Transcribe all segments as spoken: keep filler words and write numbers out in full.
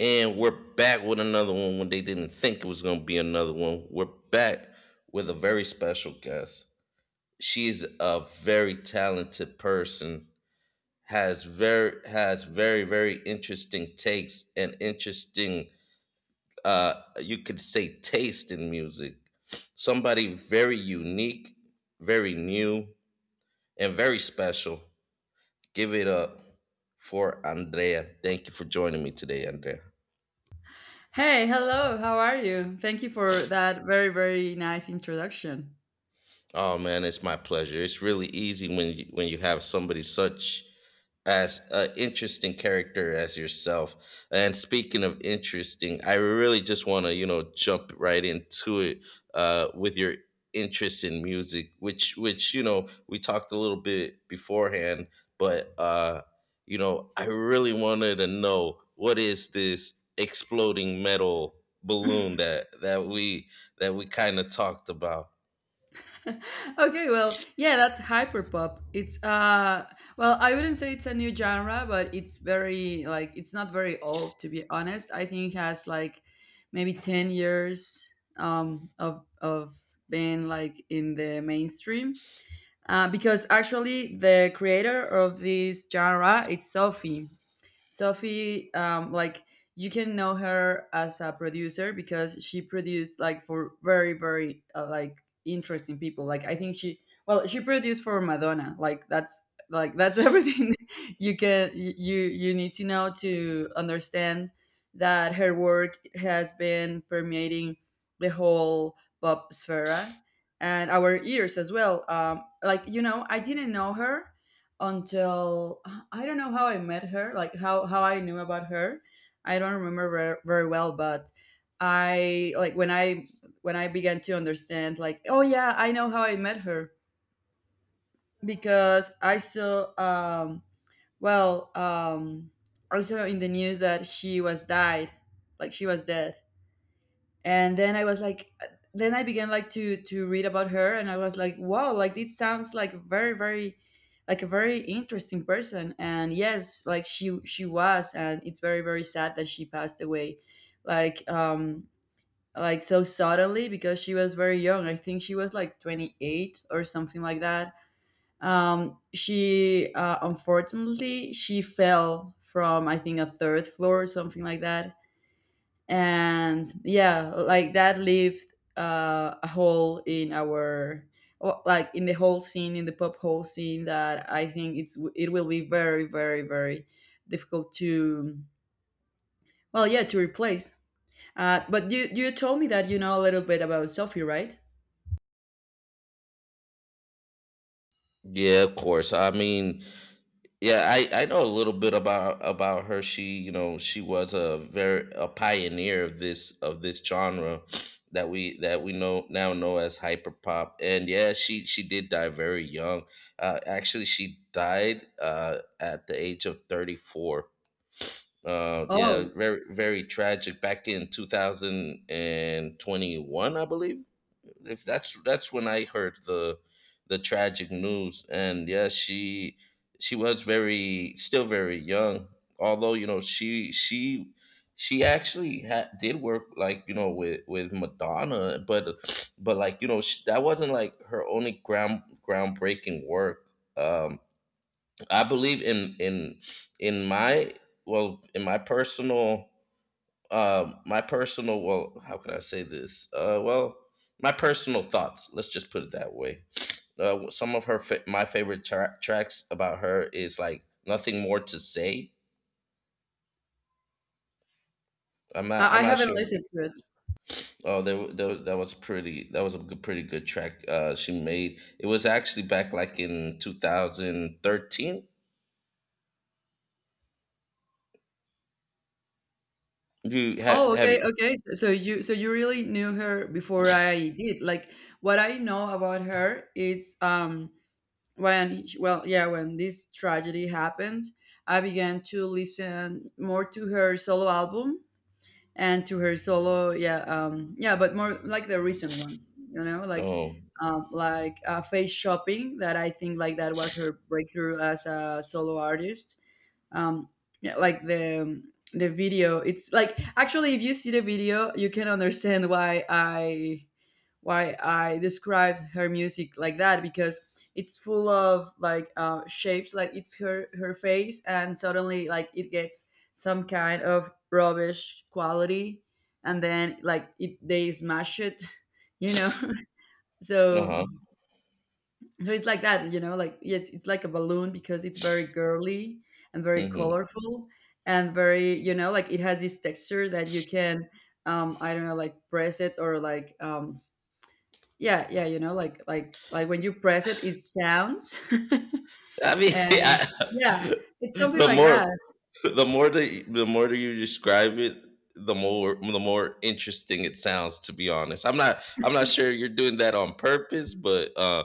And we're back with another one when they didn't think it was going to be another one. We're back with a very special guest. She's a very talented person. Has very has very very interesting takes and interesting uh you could say taste in music. Somebody very unique, very new and very special. Give it up for Andrea. Thank you for joining me today, Andrea. Hey, hello, how are you? Thank you for that very, very nice introduction. Oh man, it's my pleasure. It's really easy when you, when you have somebody such as an interesting character as yourself. And speaking of interesting, I really just want to you know jump right into it uh, with your interest in music, which which you know we talked a little bit beforehand, but uh, you know I really wanted to know what is this exploding metal balloon that that we that we kind of talked about. Okay, well, yeah, that's hyperpop. It's uh well, I wouldn't say it's a new genre, but it's very like it's not very old to be honest. I think it has like maybe ten years um of of being like in the mainstream. Uh, because actually the creator of this genre it's Sophie. Sophie, um, like you can know her as a producer because she produced like for very very uh, like interesting people. Like I think she well she produced for Madonna. Like that's like that's everything you can you you need to know to understand that her work has been permeating the whole pop sphere and our ears as well. Um, like you know, I didn't know her until I don't know how I met her, like how how I knew about her. I don't remember ver- very well, but I like when I when I began to understand, like, oh yeah, I know how I met her because I saw, um, well, um, also in the news that she was died, like she was dead, and then I was like, then I began like to to read about her and I was like wow, like this sounds like very very like a very interesting person. And yes, like she she was, and it's very very sad that she passed away, like um like so suddenly because she was very young. I think she was like twenty-eight or something like that. um she uh, unfortunately she fell from I think a third floor or something like that. And yeah, like that left uh, a hole in our well, like in the whole scene, in the pop whole scene, that I think it's it will be very very very difficult to well yeah to replace. Uh, but you you told me that you know a little bit about Sophie, right? Yeah, of course. I mean, yeah, I, I know a little bit about about her. She, you know, she was a very a pioneer of this of this genre that we that we know now know as hyperpop. And yeah, she she did die very young. Uh, actually, she died uh, at the age of thirty four. Uh, yeah, Oh, very very tragic. Back in two thousand twenty-one, I believe. If that's that's when I heard the the tragic news, and yeah, she she was very still very young. Although you know she she she actually had, did work like you know with with Madonna, but but like you know sh that wasn't like her only ground groundbreaking work. Um, I believe in in in my well in my personal uh my personal well how can I say this uh well my personal thoughts, let's just put it that way. Uh, some of her fa- My favorite tra- tracks about her is like "Nothing More to Say". I'm i, not I'm I not haven't sure listened to it. oh there, wa- there was- That was pretty that was a good, pretty good track uh she made. It was actually back like in two thousand thirteen. You have Oh, have okay, you okay. So so you so you really knew her before I did. Like what I know about her, it's um when well yeah when this tragedy happened, I began to listen more to her solo album and to her solo, yeah, um yeah, but more like the recent ones, you know, like oh um like uh, Face Shopping, that I think like that was her breakthrough as a solo artist. um yeah, like the the video, it's like actually if you see the video you can understand why I why I described her music like that, because it's full of like uh, shapes. Like it's her her face and suddenly like it gets some kind of rubbish quality and then like it they smash it you know uh so so it's like that, you know, like it's it's like a balloon because it's very girly and very huh colorful and very, you know, like it has this texture that you can, um, I don't know, like press it or like, um, yeah, yeah, you know, like like like when you press it, it sounds. I mean, And I, yeah, it's something the like that. more the more that the more that you describe it, the more the more interesting it sounds. To be honest, I'm not I'm not sure you're doing that on purpose, but uh,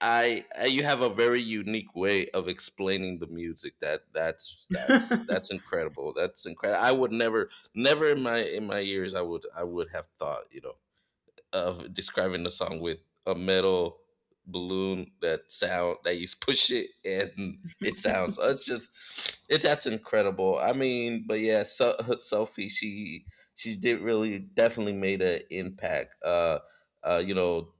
I, I you have a very unique way of explaining the music. That that's that's that's incredible. That's incredible. I would never never in my in my years I would I would have thought, you know, of describing the song with a metal balloon that sound that you push it and it sounds. So it's just it, that's incredible. I mean, but yeah, so Sophie, she she did really definitely made an impact. Uh uh you know,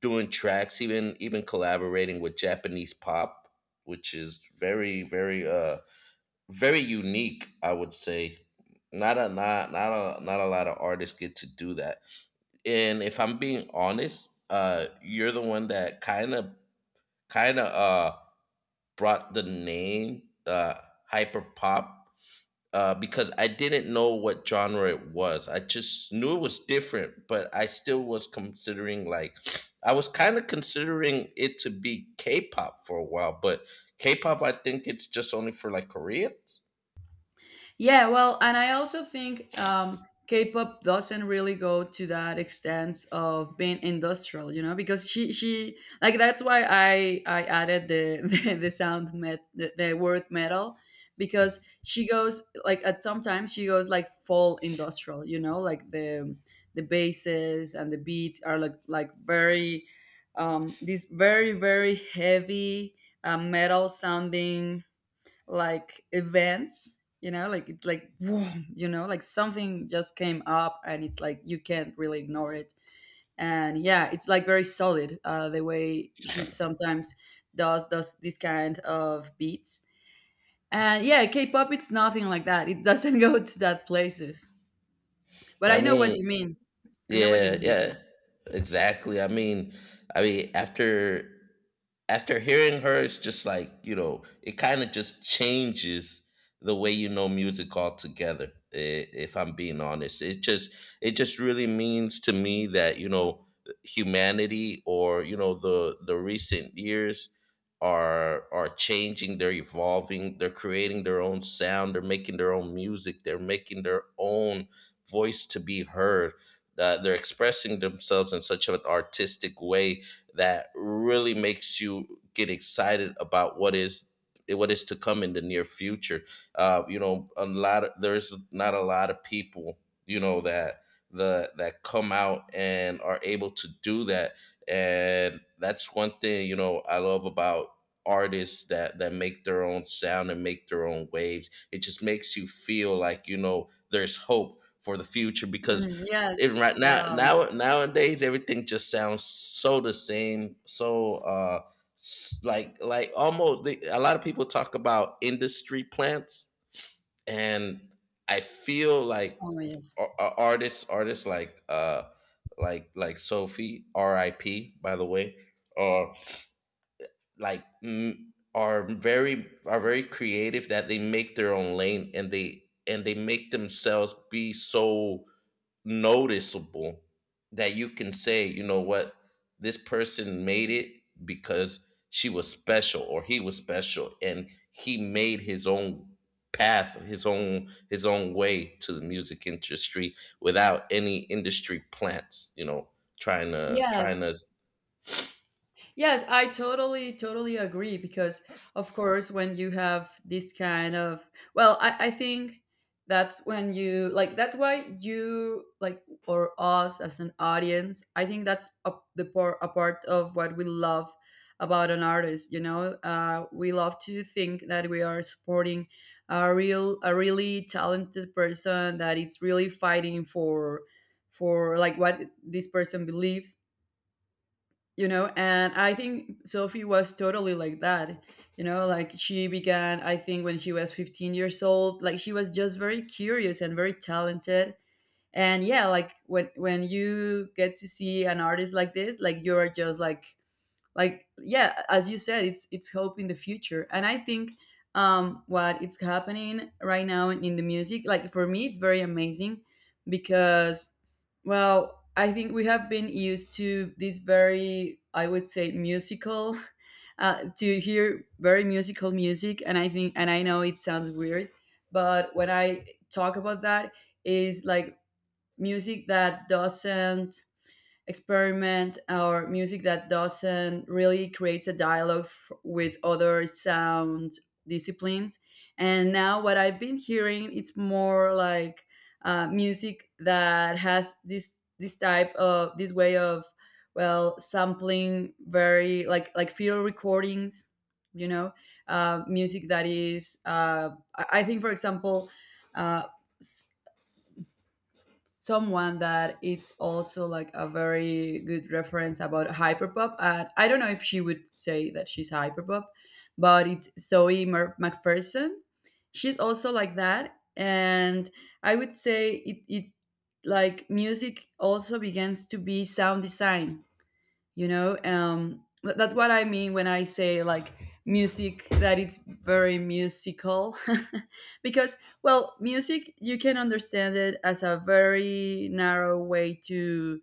doing tracks, even even collaborating with Japanese pop, which is very very uh very unique, I would say. Not a not not a not a lot of artists get to do that. And if I'm being honest, uh, you're the one that kind of kind of uh brought the name uh hyper pop, uh because I didn't know what genre it was. I just knew it was different, but I still was considering like I was kind of considering it to be K-pop for a while, but K-pop I think it's just only for like Koreans. Yeah, well, and I also think um, K-pop doesn't really go to that extent of being industrial, you know, because she she like that's why I I added the the, the sound met the, the word metal, because she goes like at sometimes she goes like full industrial, you know, like the the basses and the beats are like like very um these very very heavy uh, metal sounding like events, you know, like it's like whoa, you know, like something just came up and it's like you can't really ignore it. And yeah, it's like very solid uh, the way she sometimes does does this kind of beats. And yeah, K-pop it's nothing like that. It doesn't go to that places. But I I know what you mean, mean. I know what you yeah, mean. yeah, exactly. I mean, I mean, after after hearing her, it's just like, you know, it kind of just changes the way you know music altogether. i- If I'm being honest, it just it just really means to me that you know humanity, or you know the the recent years, are are changing, they're evolving, they're creating their own sound, they're making their own music, they're making their own voice to be heard. Uh, they're expressing themselves in such an artistic way that really makes you get excited about what is what is to come in the near future. Uh, you know, a lot of, there's not a lot of people you know that the that come out and are able to do that, and that's one thing you know I love about artists that that make their own sound and make their own waves. It just makes you feel like you know there's hope for the future, because Mm, yes. it right now Wow. now nowadays everything just sounds so the same, so uh s- like like almost the, a lot of people talk about industry plants, and I feel like Oh yes. ar- ar- artists artists like uh like like Sophie, RIP by the way, or like mm, are very are very creative that they make their own lane and they and they make themselves be so noticeable that you can say, you know what, this person made it because she was special or he was special and he made his own path, his own his own way to the music industry without any industry plants, you know, trying to trying Yes. to. Yes, I totally, totally agree because, of course, when you have this kind of, well, I, I think that's when you, like, that's why you, like, or us as an audience, I think that's a, the part, a part of what we love about an artist, you know? Uh, we love to think that we are supporting a real, a really talented person that is really fighting for, for, like, what this person believes. You know, and I think Sophie was totally like that. You know, like she began I think when she was fifteen years old. Like she was just very curious and very talented. And yeah, like when when you get to see an artist like this, like you're just like like yeah, as you said, it's it's hope in the future. And I think um what it's happening right now in, in the music, like for me it's very amazing because well I think we have been used to this very I would say musical uh, to hear very musical music. And I think, and I know it sounds weird, but when I talk about that is like music that doesn't experiment or music that doesn't really creates a dialogue f- with other sound disciplines. And now what I've been hearing, it's more like uh, music that has this this type of this way of well sampling very like like field recordings, you know, uh, music that is uh, i I think for example uh, someone that it's also like a very good reference about hyperpop. And I don't know if she would say that she's hyperpop, but it's Zoe Mer- McPherson. She's also like that, and I would say it it like music also begins to be sound design, you know, um th- that's what I mean when I say like music that it's very musical because well music you can understand it as a very narrow way to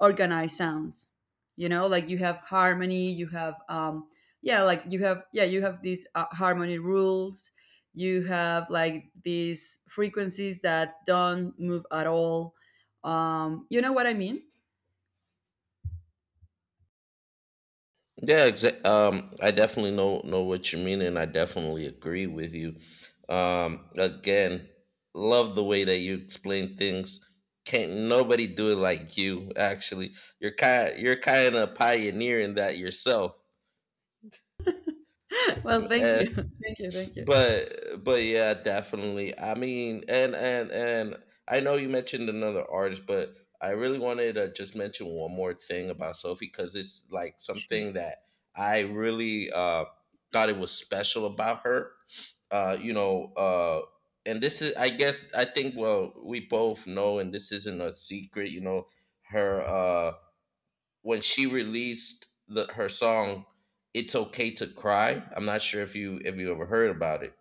organize sounds, you know, like you have harmony, you have um yeah, like you have yeah you have these uh, harmony rules, you have like these frequencies that don't move at all. um you know what I mean? Yeah, exa- um, I definitely know know what you mean, and I definitely agree with you. Um, again, love the way that you explain things. Can't nobody do it like you. Actually, you're kind you're kind of pioneering that yourself. Well thank you, thank you, thank you. but but yeah, definitely, I mean, and and and I know you mentioned another artist, but I really wanted to just mention one more thing about Sophie because it's like Sure. something that I really uh thought it was special about her. uh you know uh and this is, I guess I think, well, we both know and this isn't a secret, you know, her uh when she released the her song "It's Okay to Cry". I'm not sure if you if you ever heard about it.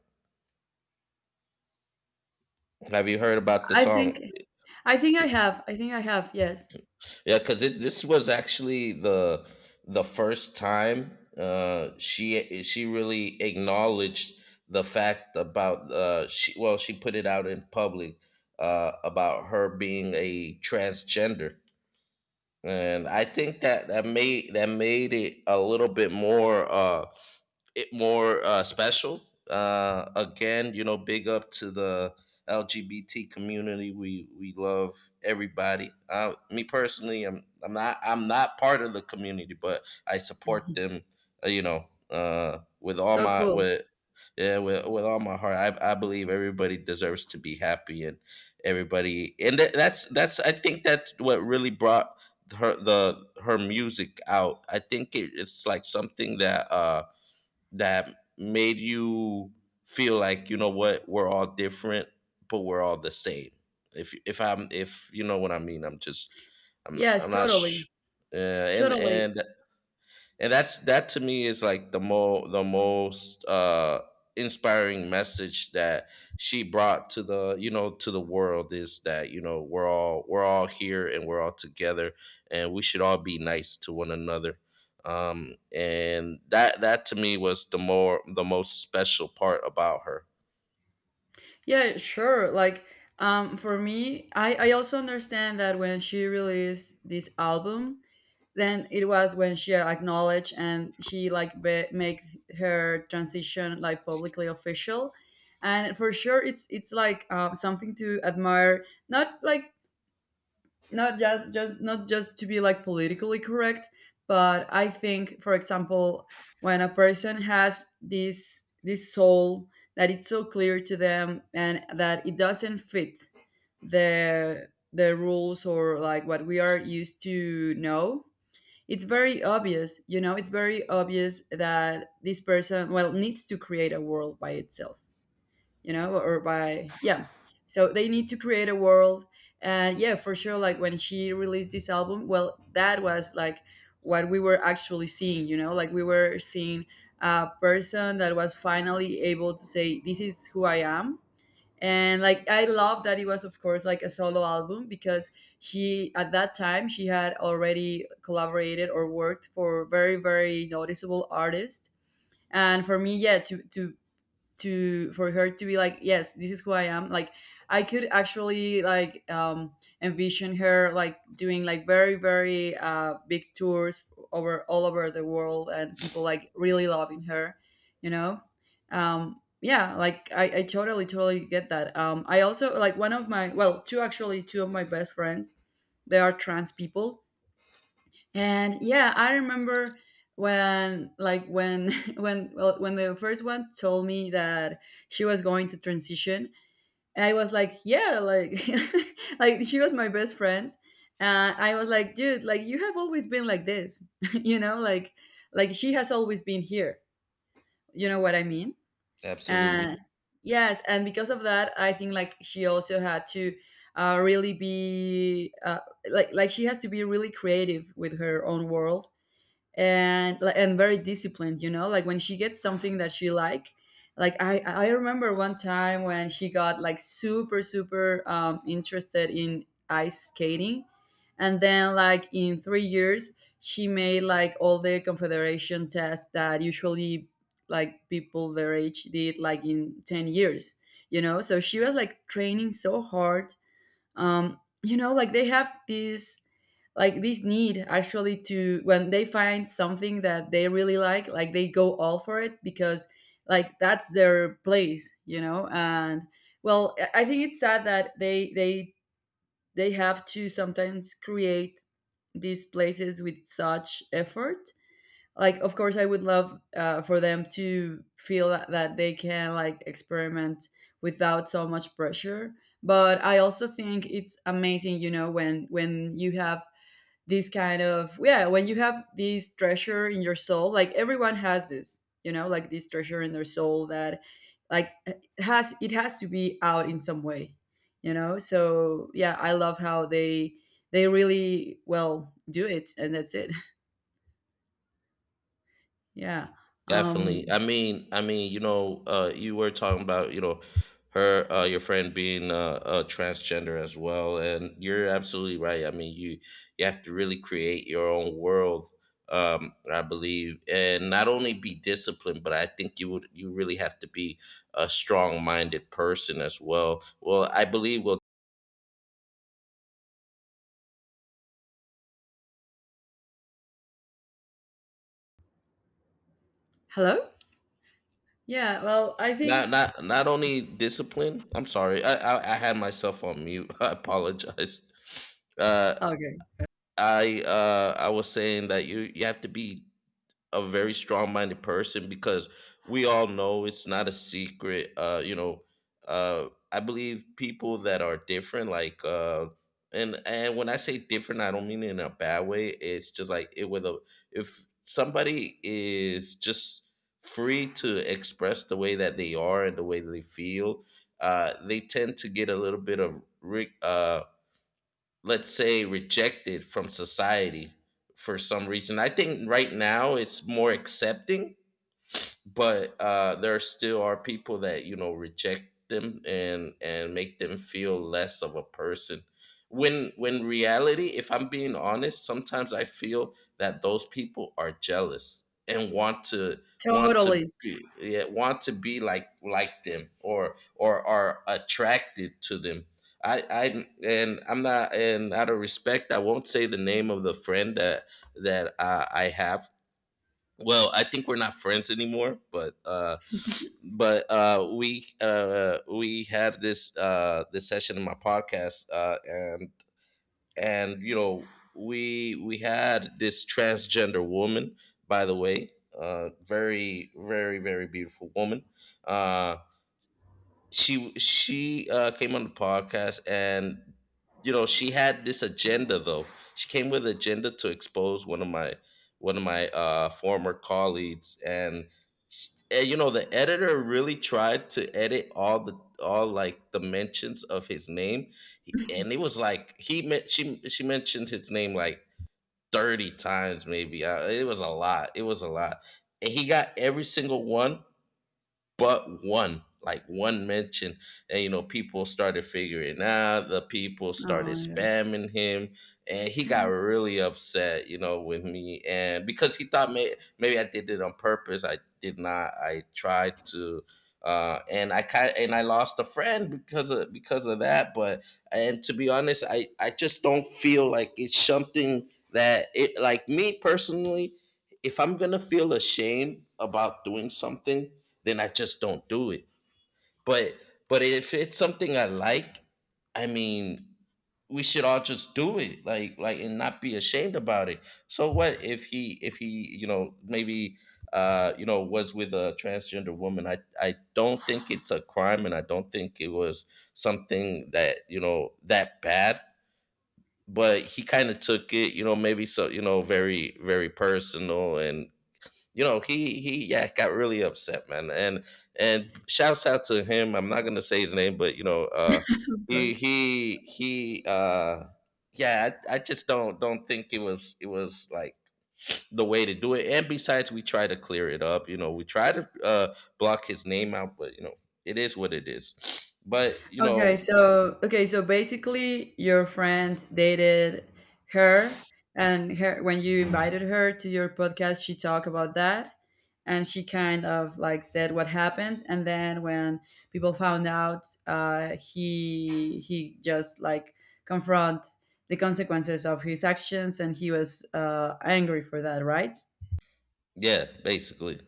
Have you heard about the I song? think I think I have. I think I have. Yes. Yeah, because this was actually the the first time uh, she she really acknowledged the fact about uh, she well she put it out in public uh, about her being a transgender, and I think that that made that made it a little bit more. Uh, it more uh, Special. Uh, again, you know, big up to the L G B T community. We we love everybody. Uh, me personally, I'm I'm not I'm not part of the community, but I support Mhm. them. Uh, you know, uh, with all So my cool. with Yeah, with with all my heart. I I believe everybody deserves to be happy and everybody. And that, that's that's I think that's what really brought her the her music out. I think it, it's like something that. Uh, that made you feel like, you know what, we're all different but we're all the same, if if I'm if you know what I mean. I'm just I'm Yes, I'm not sh- totally. uh, and Totally. and and that's, that to me is like the more the most uh inspiring message that she brought to the you know to the world, is that you know we're all we're all here and we're all together, and we should all be nice to one another. Um and that, that to me was the more the most special part about her. Yeah, sure. Like um for me, I I also understand that when she released this album, then it was when she acknowledged and she like be- make her transition like publicly official. And for sure, it's it's like uh, something to admire. Not like not just just not just to be like politically correct, but I think for example when a person has this this soul that it's so clear to them and that it doesn't fit the the rules or like what we are used to know, it's very obvious, you know, it's very obvious that this person well needs to create a world by itself, you know, or by yeah, so they need to create a world. And yeah, for sure like when she released this album, well that was like what we were actually seeing, you know, like we were seeing a person that was finally able to say this is who I am. And like I love that it was of course like a solo album, because she at that time she had already collaborated or worked for very very noticeable artists. And for me, yeah, to to to for her to be like yes this is who I am, like I could actually like um envision her like doing like very very uh big tours over all over the world and people like really loving her, you know. um yeah, like i, I totally totally get that. um I also like one of my well two actually two of my best friends, they are trans people. And yeah, I remember when like when when well, when the first one told me that she was going to transition, I was like, yeah, like like she was my best friend. And I was like, dude, like you have always been like this. You know, like like she has always been here. You know what I mean? And Absolutely. yes, and because of that, I think like she also had to uh, really be uh, like like she has to be really creative with her own world and li- and very disciplined, you know, like when she gets something that she like like i i remember one time when she got like super super um interested in ice skating, and then like in three years she made like all the confederation tests that usually like people their age did like in ten years, you know, so she was like training so hard. Um you know, like they have this, like this need actually to, when they find something that they really like like they go all for it because like that's their place, you know. And well, i I think it's sad that they they they have to sometimes create these places with such effort. Like, of course I would love uh, for them to feel that, that, they can like experiment without so much pressure, but I also think it's amazing. You know, when when you have this kind of, yeah, when you have this treasure in your soul, like everyone has this, you know, like this treasure in their soul that, like, it has it has to be out in some way, you know. So yeah, I love how they they really well do it, and that's it. Yeah. Definitely. I um mean, I mean, you know, uh, you were talking about, you know, her, uh, your friend being uh, a transgender as well, and you're absolutely right. I mean, you you have to really create your own world, um, I believe, and not only be disciplined, but I think you would you really have to be a strong-minded person as well. Well, I believe well, hello. Yeah, well, I Not think. not not only discipline. I'm sorry, I I, I had myself on mute. I apologize. Uh, Okay. I uh I was saying that you you have to be a very strong-minded person, because we all know it's not a secret. Uh, you know, uh, I believe people that are different, like uh, and and when I say different, I don't mean it in a bad way. It's just like it with a if somebody is just free to express the way that they are and the way they feel, uh, they tend to get a little bit of re- uh let's say rejected from society for some reason. I think right now it's more accepting, but uh, there still are people that, you know, reject them and and make them feel less of a person when when reality, if I'm being honest, sometimes I feel that those people are jealous and want to want to Totally. be yeah, want to be like like them or or are attracted to them. I i and I'm not, and out of respect I won't say the name of the friend that that uh, I have. Well, I think we're not friends anymore, but uh but uh we uh we had this uh this session in my podcast, uh and and you know we we had this transgender woman, by the way. Uh very, very, very beautiful woman. uh she she uh, came on the podcast, and you know, she had this agenda though. She came with agenda to expose one of my one of my uh, former colleagues. And, sh- and you know, the editor really tried to edit all the all like the mentions of his name. He- and it was like he meant she she mentioned his name like thirty times maybe. Uh, it was a lot, it was a lot, and he got every single one but one, like one mention. And you know, people started figuring out, the people started Oh my God. spamming him. And he got really upset, you know, with me, and because he thought may- maybe I did it on purpose. I did not. I tried to uh, and I kind and I lost a friend because of because of that. But and to be honest, I I just don't feel like it's something that it like me personally. If I'm gonna feel ashamed about doing something, then I just don't do it. But but if it's something I like, I mean, we should all just do it, like like and not be ashamed about it. So what if he if he you know maybe uh you know was with a transgender woman? I I don't think it's a crime, and I don't think it was something that, you know, that bad. But he kind of took it, you know, maybe so, you know, very, very personal. And you know, he he yeah, got really upset, man. And and shouts out to him, I'm not gonna say his name, but you know uh Of he course. he he uh yeah, I, I just don't don't think it was, it was like the way to do it. And besides, we try to clear it up, you know, we try to uh block his name out, but you know, it is what it is. But you Okay, know, so okay, so basically your friend dated her, and her, when you invited her to your podcast, she talked about that, and she kind of like said what happened, and then when people found out, uh he he just like confront the consequences of his actions, and he was uh angry for that, right? yeah, basically.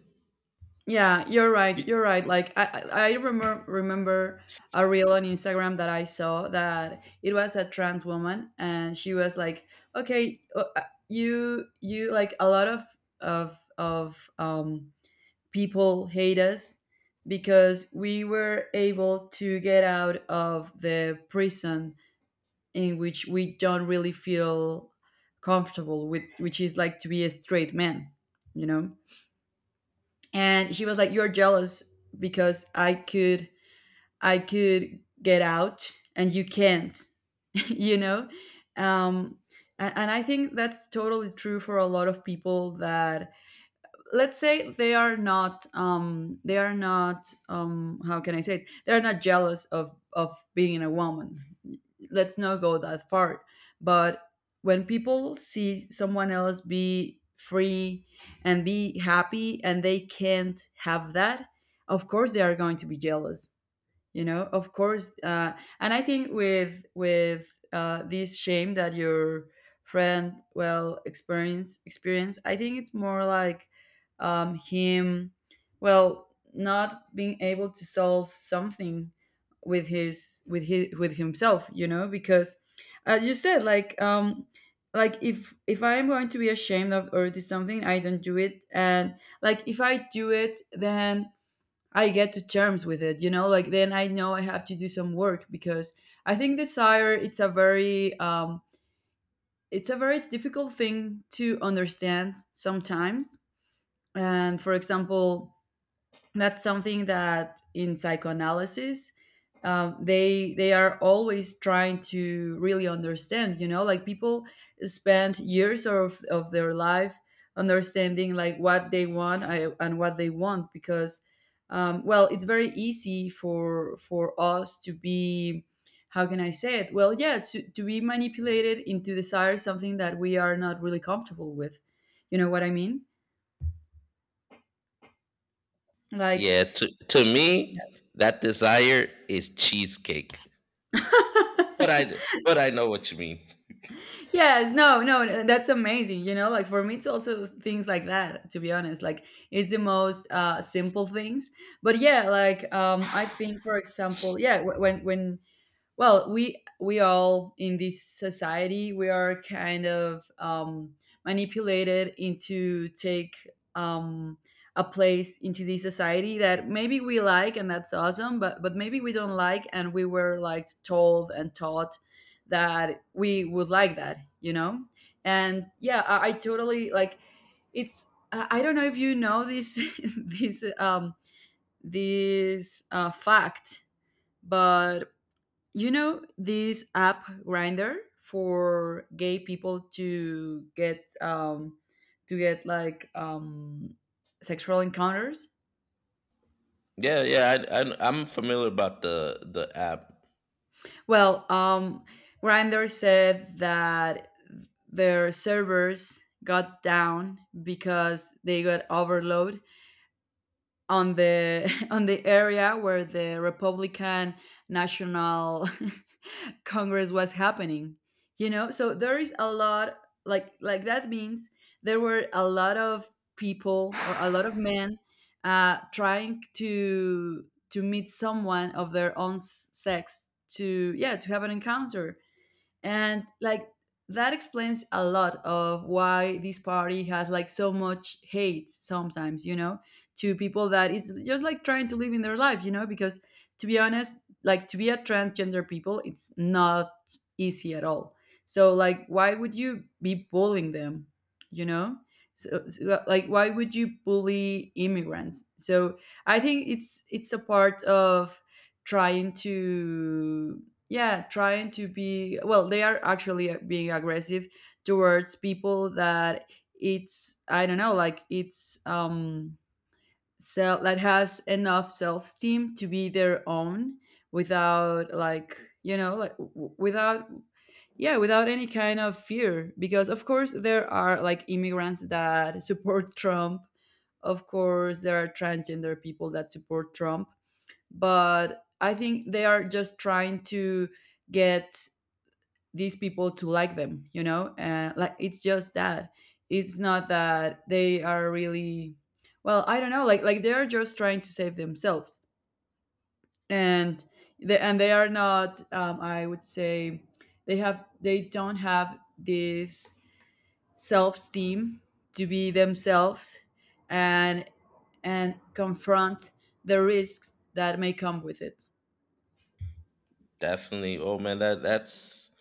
Yeah, you're right. Y- You're right. Like I, I I remember remember a reel on Instagram that I saw that it was a trans woman, and she was like, "Okay, uh, uh, you you like a lot of of of um people hate us because we were able to get out of the prison in which we don't really feel comfortable with, which is like to be a straight man, you know." And she was like, you're jealous because I could, I could get out and you can't. You know. Um a- and i think that's totally true for a lot of people that, let's say, they are not, um they are not, um how can I say it, they're not jealous of of being a woman. Let's not go that far. But when people see someone else be free and be happy and they can't have that, of course they are going to be jealous, you know. Of course, uh, and I think with with uh, this shame that your friend, well, experience experience, I think it's more like, um, him, well, not being able to solve something with his with his with himself, you know, because as you said, like, um like if if I'm going to be ashamed of or do something, I don't do it. And like if I do it, then I get to terms with it, you know, like then I know I have to do some work, because I think desire, it's a very um it's a very difficult thing to understand sometimes. And for example, that's something that in psychoanalysis, um, they they are always trying to really understand, you know, like people spend years of, of their life understanding like what they want, uh, and what they want, because um, well, it's very easy for for us to be, how can I say it, well, yeah, to, to be manipulated into desire something that we are not really comfortable with, you know what I mean, like. yeah, to to me, that desire is cheesecake. Yeah. but i but i know what you mean. Yes, no, no, uh, that's amazing. You know, like for me it's also things like that, to be honest, like it's the most uh simple things. But yeah, like um I think, for example, yeah, wh- when when, well, we we all in this society, we are kind of, um, manipulated into take, um, a place into this society that maybe we like and that's awesome, but but maybe we don't like, and we were like told and taught that we would like that, you know. And yeah, i, I totally like, it's I I don't know if you know this, this um this uh, fact, but you know this app Grinder for gay people to get, um to get like um sexual encounters? Yeah, yeah, I, I I'm familiar about the the app. Well, um Grinder said that their servers got down because they got overload on the on the area where the Republican National Congress was happening. You know, so there is a lot, like like that means there were a lot of people, or a lot of men, uh, trying to to meet someone of their own s- sex to, yeah, to have an encounter. And like that explains a lot of why this party has like so much hate sometimes, you know, to people that it's just like trying to live in their life, you know, because to be honest, like to be a transgender people, it's not easy at all. So like why would you be bullying them, you know? So, so like why would you bully immigrants? So I think it's it's a part of trying to, yeah, trying to be, well, they are actually uh, being aggressive towards people that, it's, I don't know, like it's, um self that has enough self-esteem to be their own, without like, you know, like w- without, yeah, without any kind of fear. Because of course there are like immigrants that support Trump. Of course there are transgender people that support Trump, but I think they are just trying to get these people to like them, you know, and like it's just that. It's not that they are really, well, I don't know, like like they're just trying to save themselves, and they and they are not, um, I would say, they have they don't have this self-esteem to be themselves, and and confront the risks that may come with it. Definitely. Oh man, that that's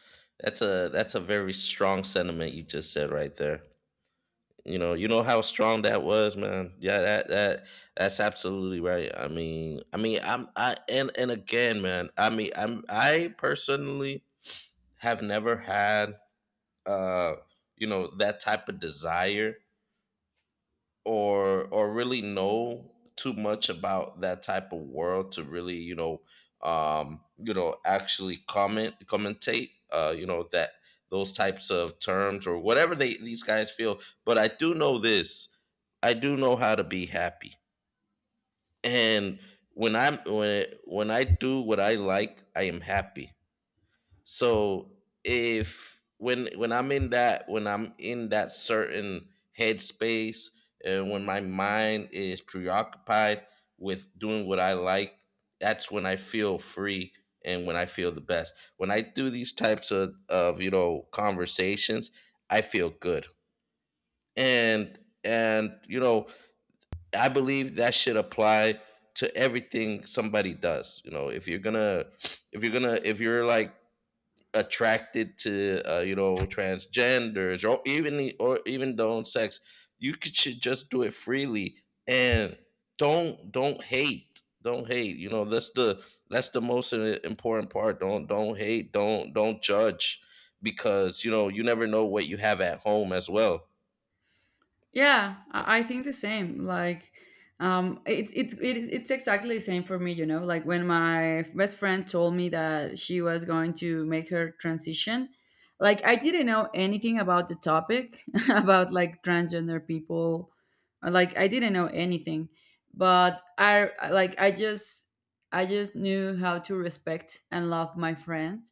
that's a that's a very strong sentiment you just said right there. You know, you know how strong that was, man. Yeah, that that that's absolutely right. I mean, I mean, I'm I and and again, man. I mean, I'm I personally have never had uh you know, that type of desire, or or really know too much about that type of world to really, you know, um you know, actually comment commentate, uh you know, that those types of terms or whatever they, these guys feel. But I do know this. I do know how to be happy. And when i'm when when I do what I like, I am happy. So if when when I'm in that, when I'm in that certain headspace, and when my mind is preoccupied with doing what I like, that's when I feel free and when I feel the best. When I do these types of, of you know, conversations, I feel good. And and you know, I believe that should apply to everything somebody does. You know, if you're gonna if you're gonna if you're like attracted to uh, you know, transgenders, or even or even their own sex, you could, should just do it freely. And don't don't hate don't hate, you know, that's the that's the most i- important part. Don't don't hate, don't don't judge, because you know, you never know what you have at home as well. Yeah, I I think the same. Like, um, it's it's it, it's exactly the same for me. You know, like when my best friend told me that she was going to make her transition, like I didn't know anything about the topic, about like transgender people, or, like I didn't know anything, but I like I just I just knew how to respect and love my friend,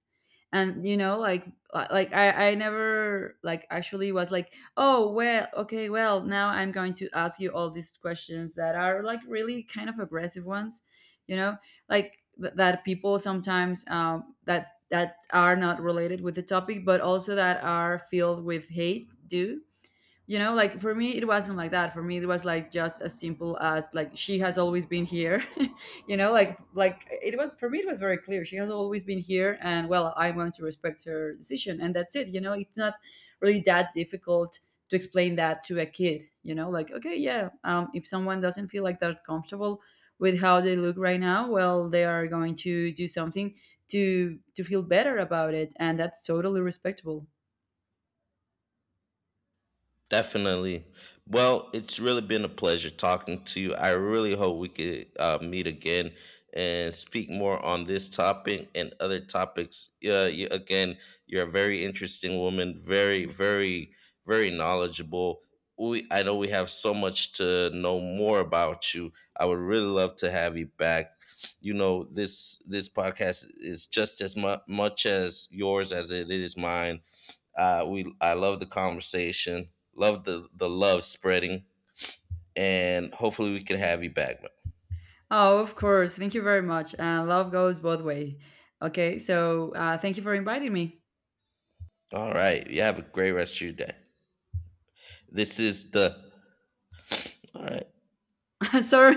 and you know, like, li- like I, I never like actually was like, oh well, okay, well, now I'm going to ask you all these questions that are like really kind of aggressive ones, you know, like th- that people sometimes, um, that that are not related with the topic but also that are filled with hate, do you know. Like for me it wasn't like that. For me it was like just as simple as, like, she has always been here. You know, like like it was, for me it was very clear, she has always been here, and well, I'm going to respect her decision and that's it. You know, it's not really that difficult to explain that to a kid, you know, like okay, yeah, um, if someone doesn't feel like they're comfortable with how they look right now, well they are going to do something to to feel better about it, and that's totally respectable. Definitely. Well, it's really been a pleasure talking to you. I really hope we could uh, meet again and speak more on this topic and other topics. Uh, you, again, you're a very interesting woman, very, very, very knowledgeable. We, I know we have so much to know more about you. I would really love to have you back. You know, this this podcast is just as mu- much as yours as it is mine. Uh, we, I love the conversation. Love the the love spreading, and hopefully we can have you back, man. Oh, of course. Thank you very much. Uh, love goes both way. Okay, so uh, thank you for inviting me. All right, you have a great rest of your day. This is the, all right. Sorry.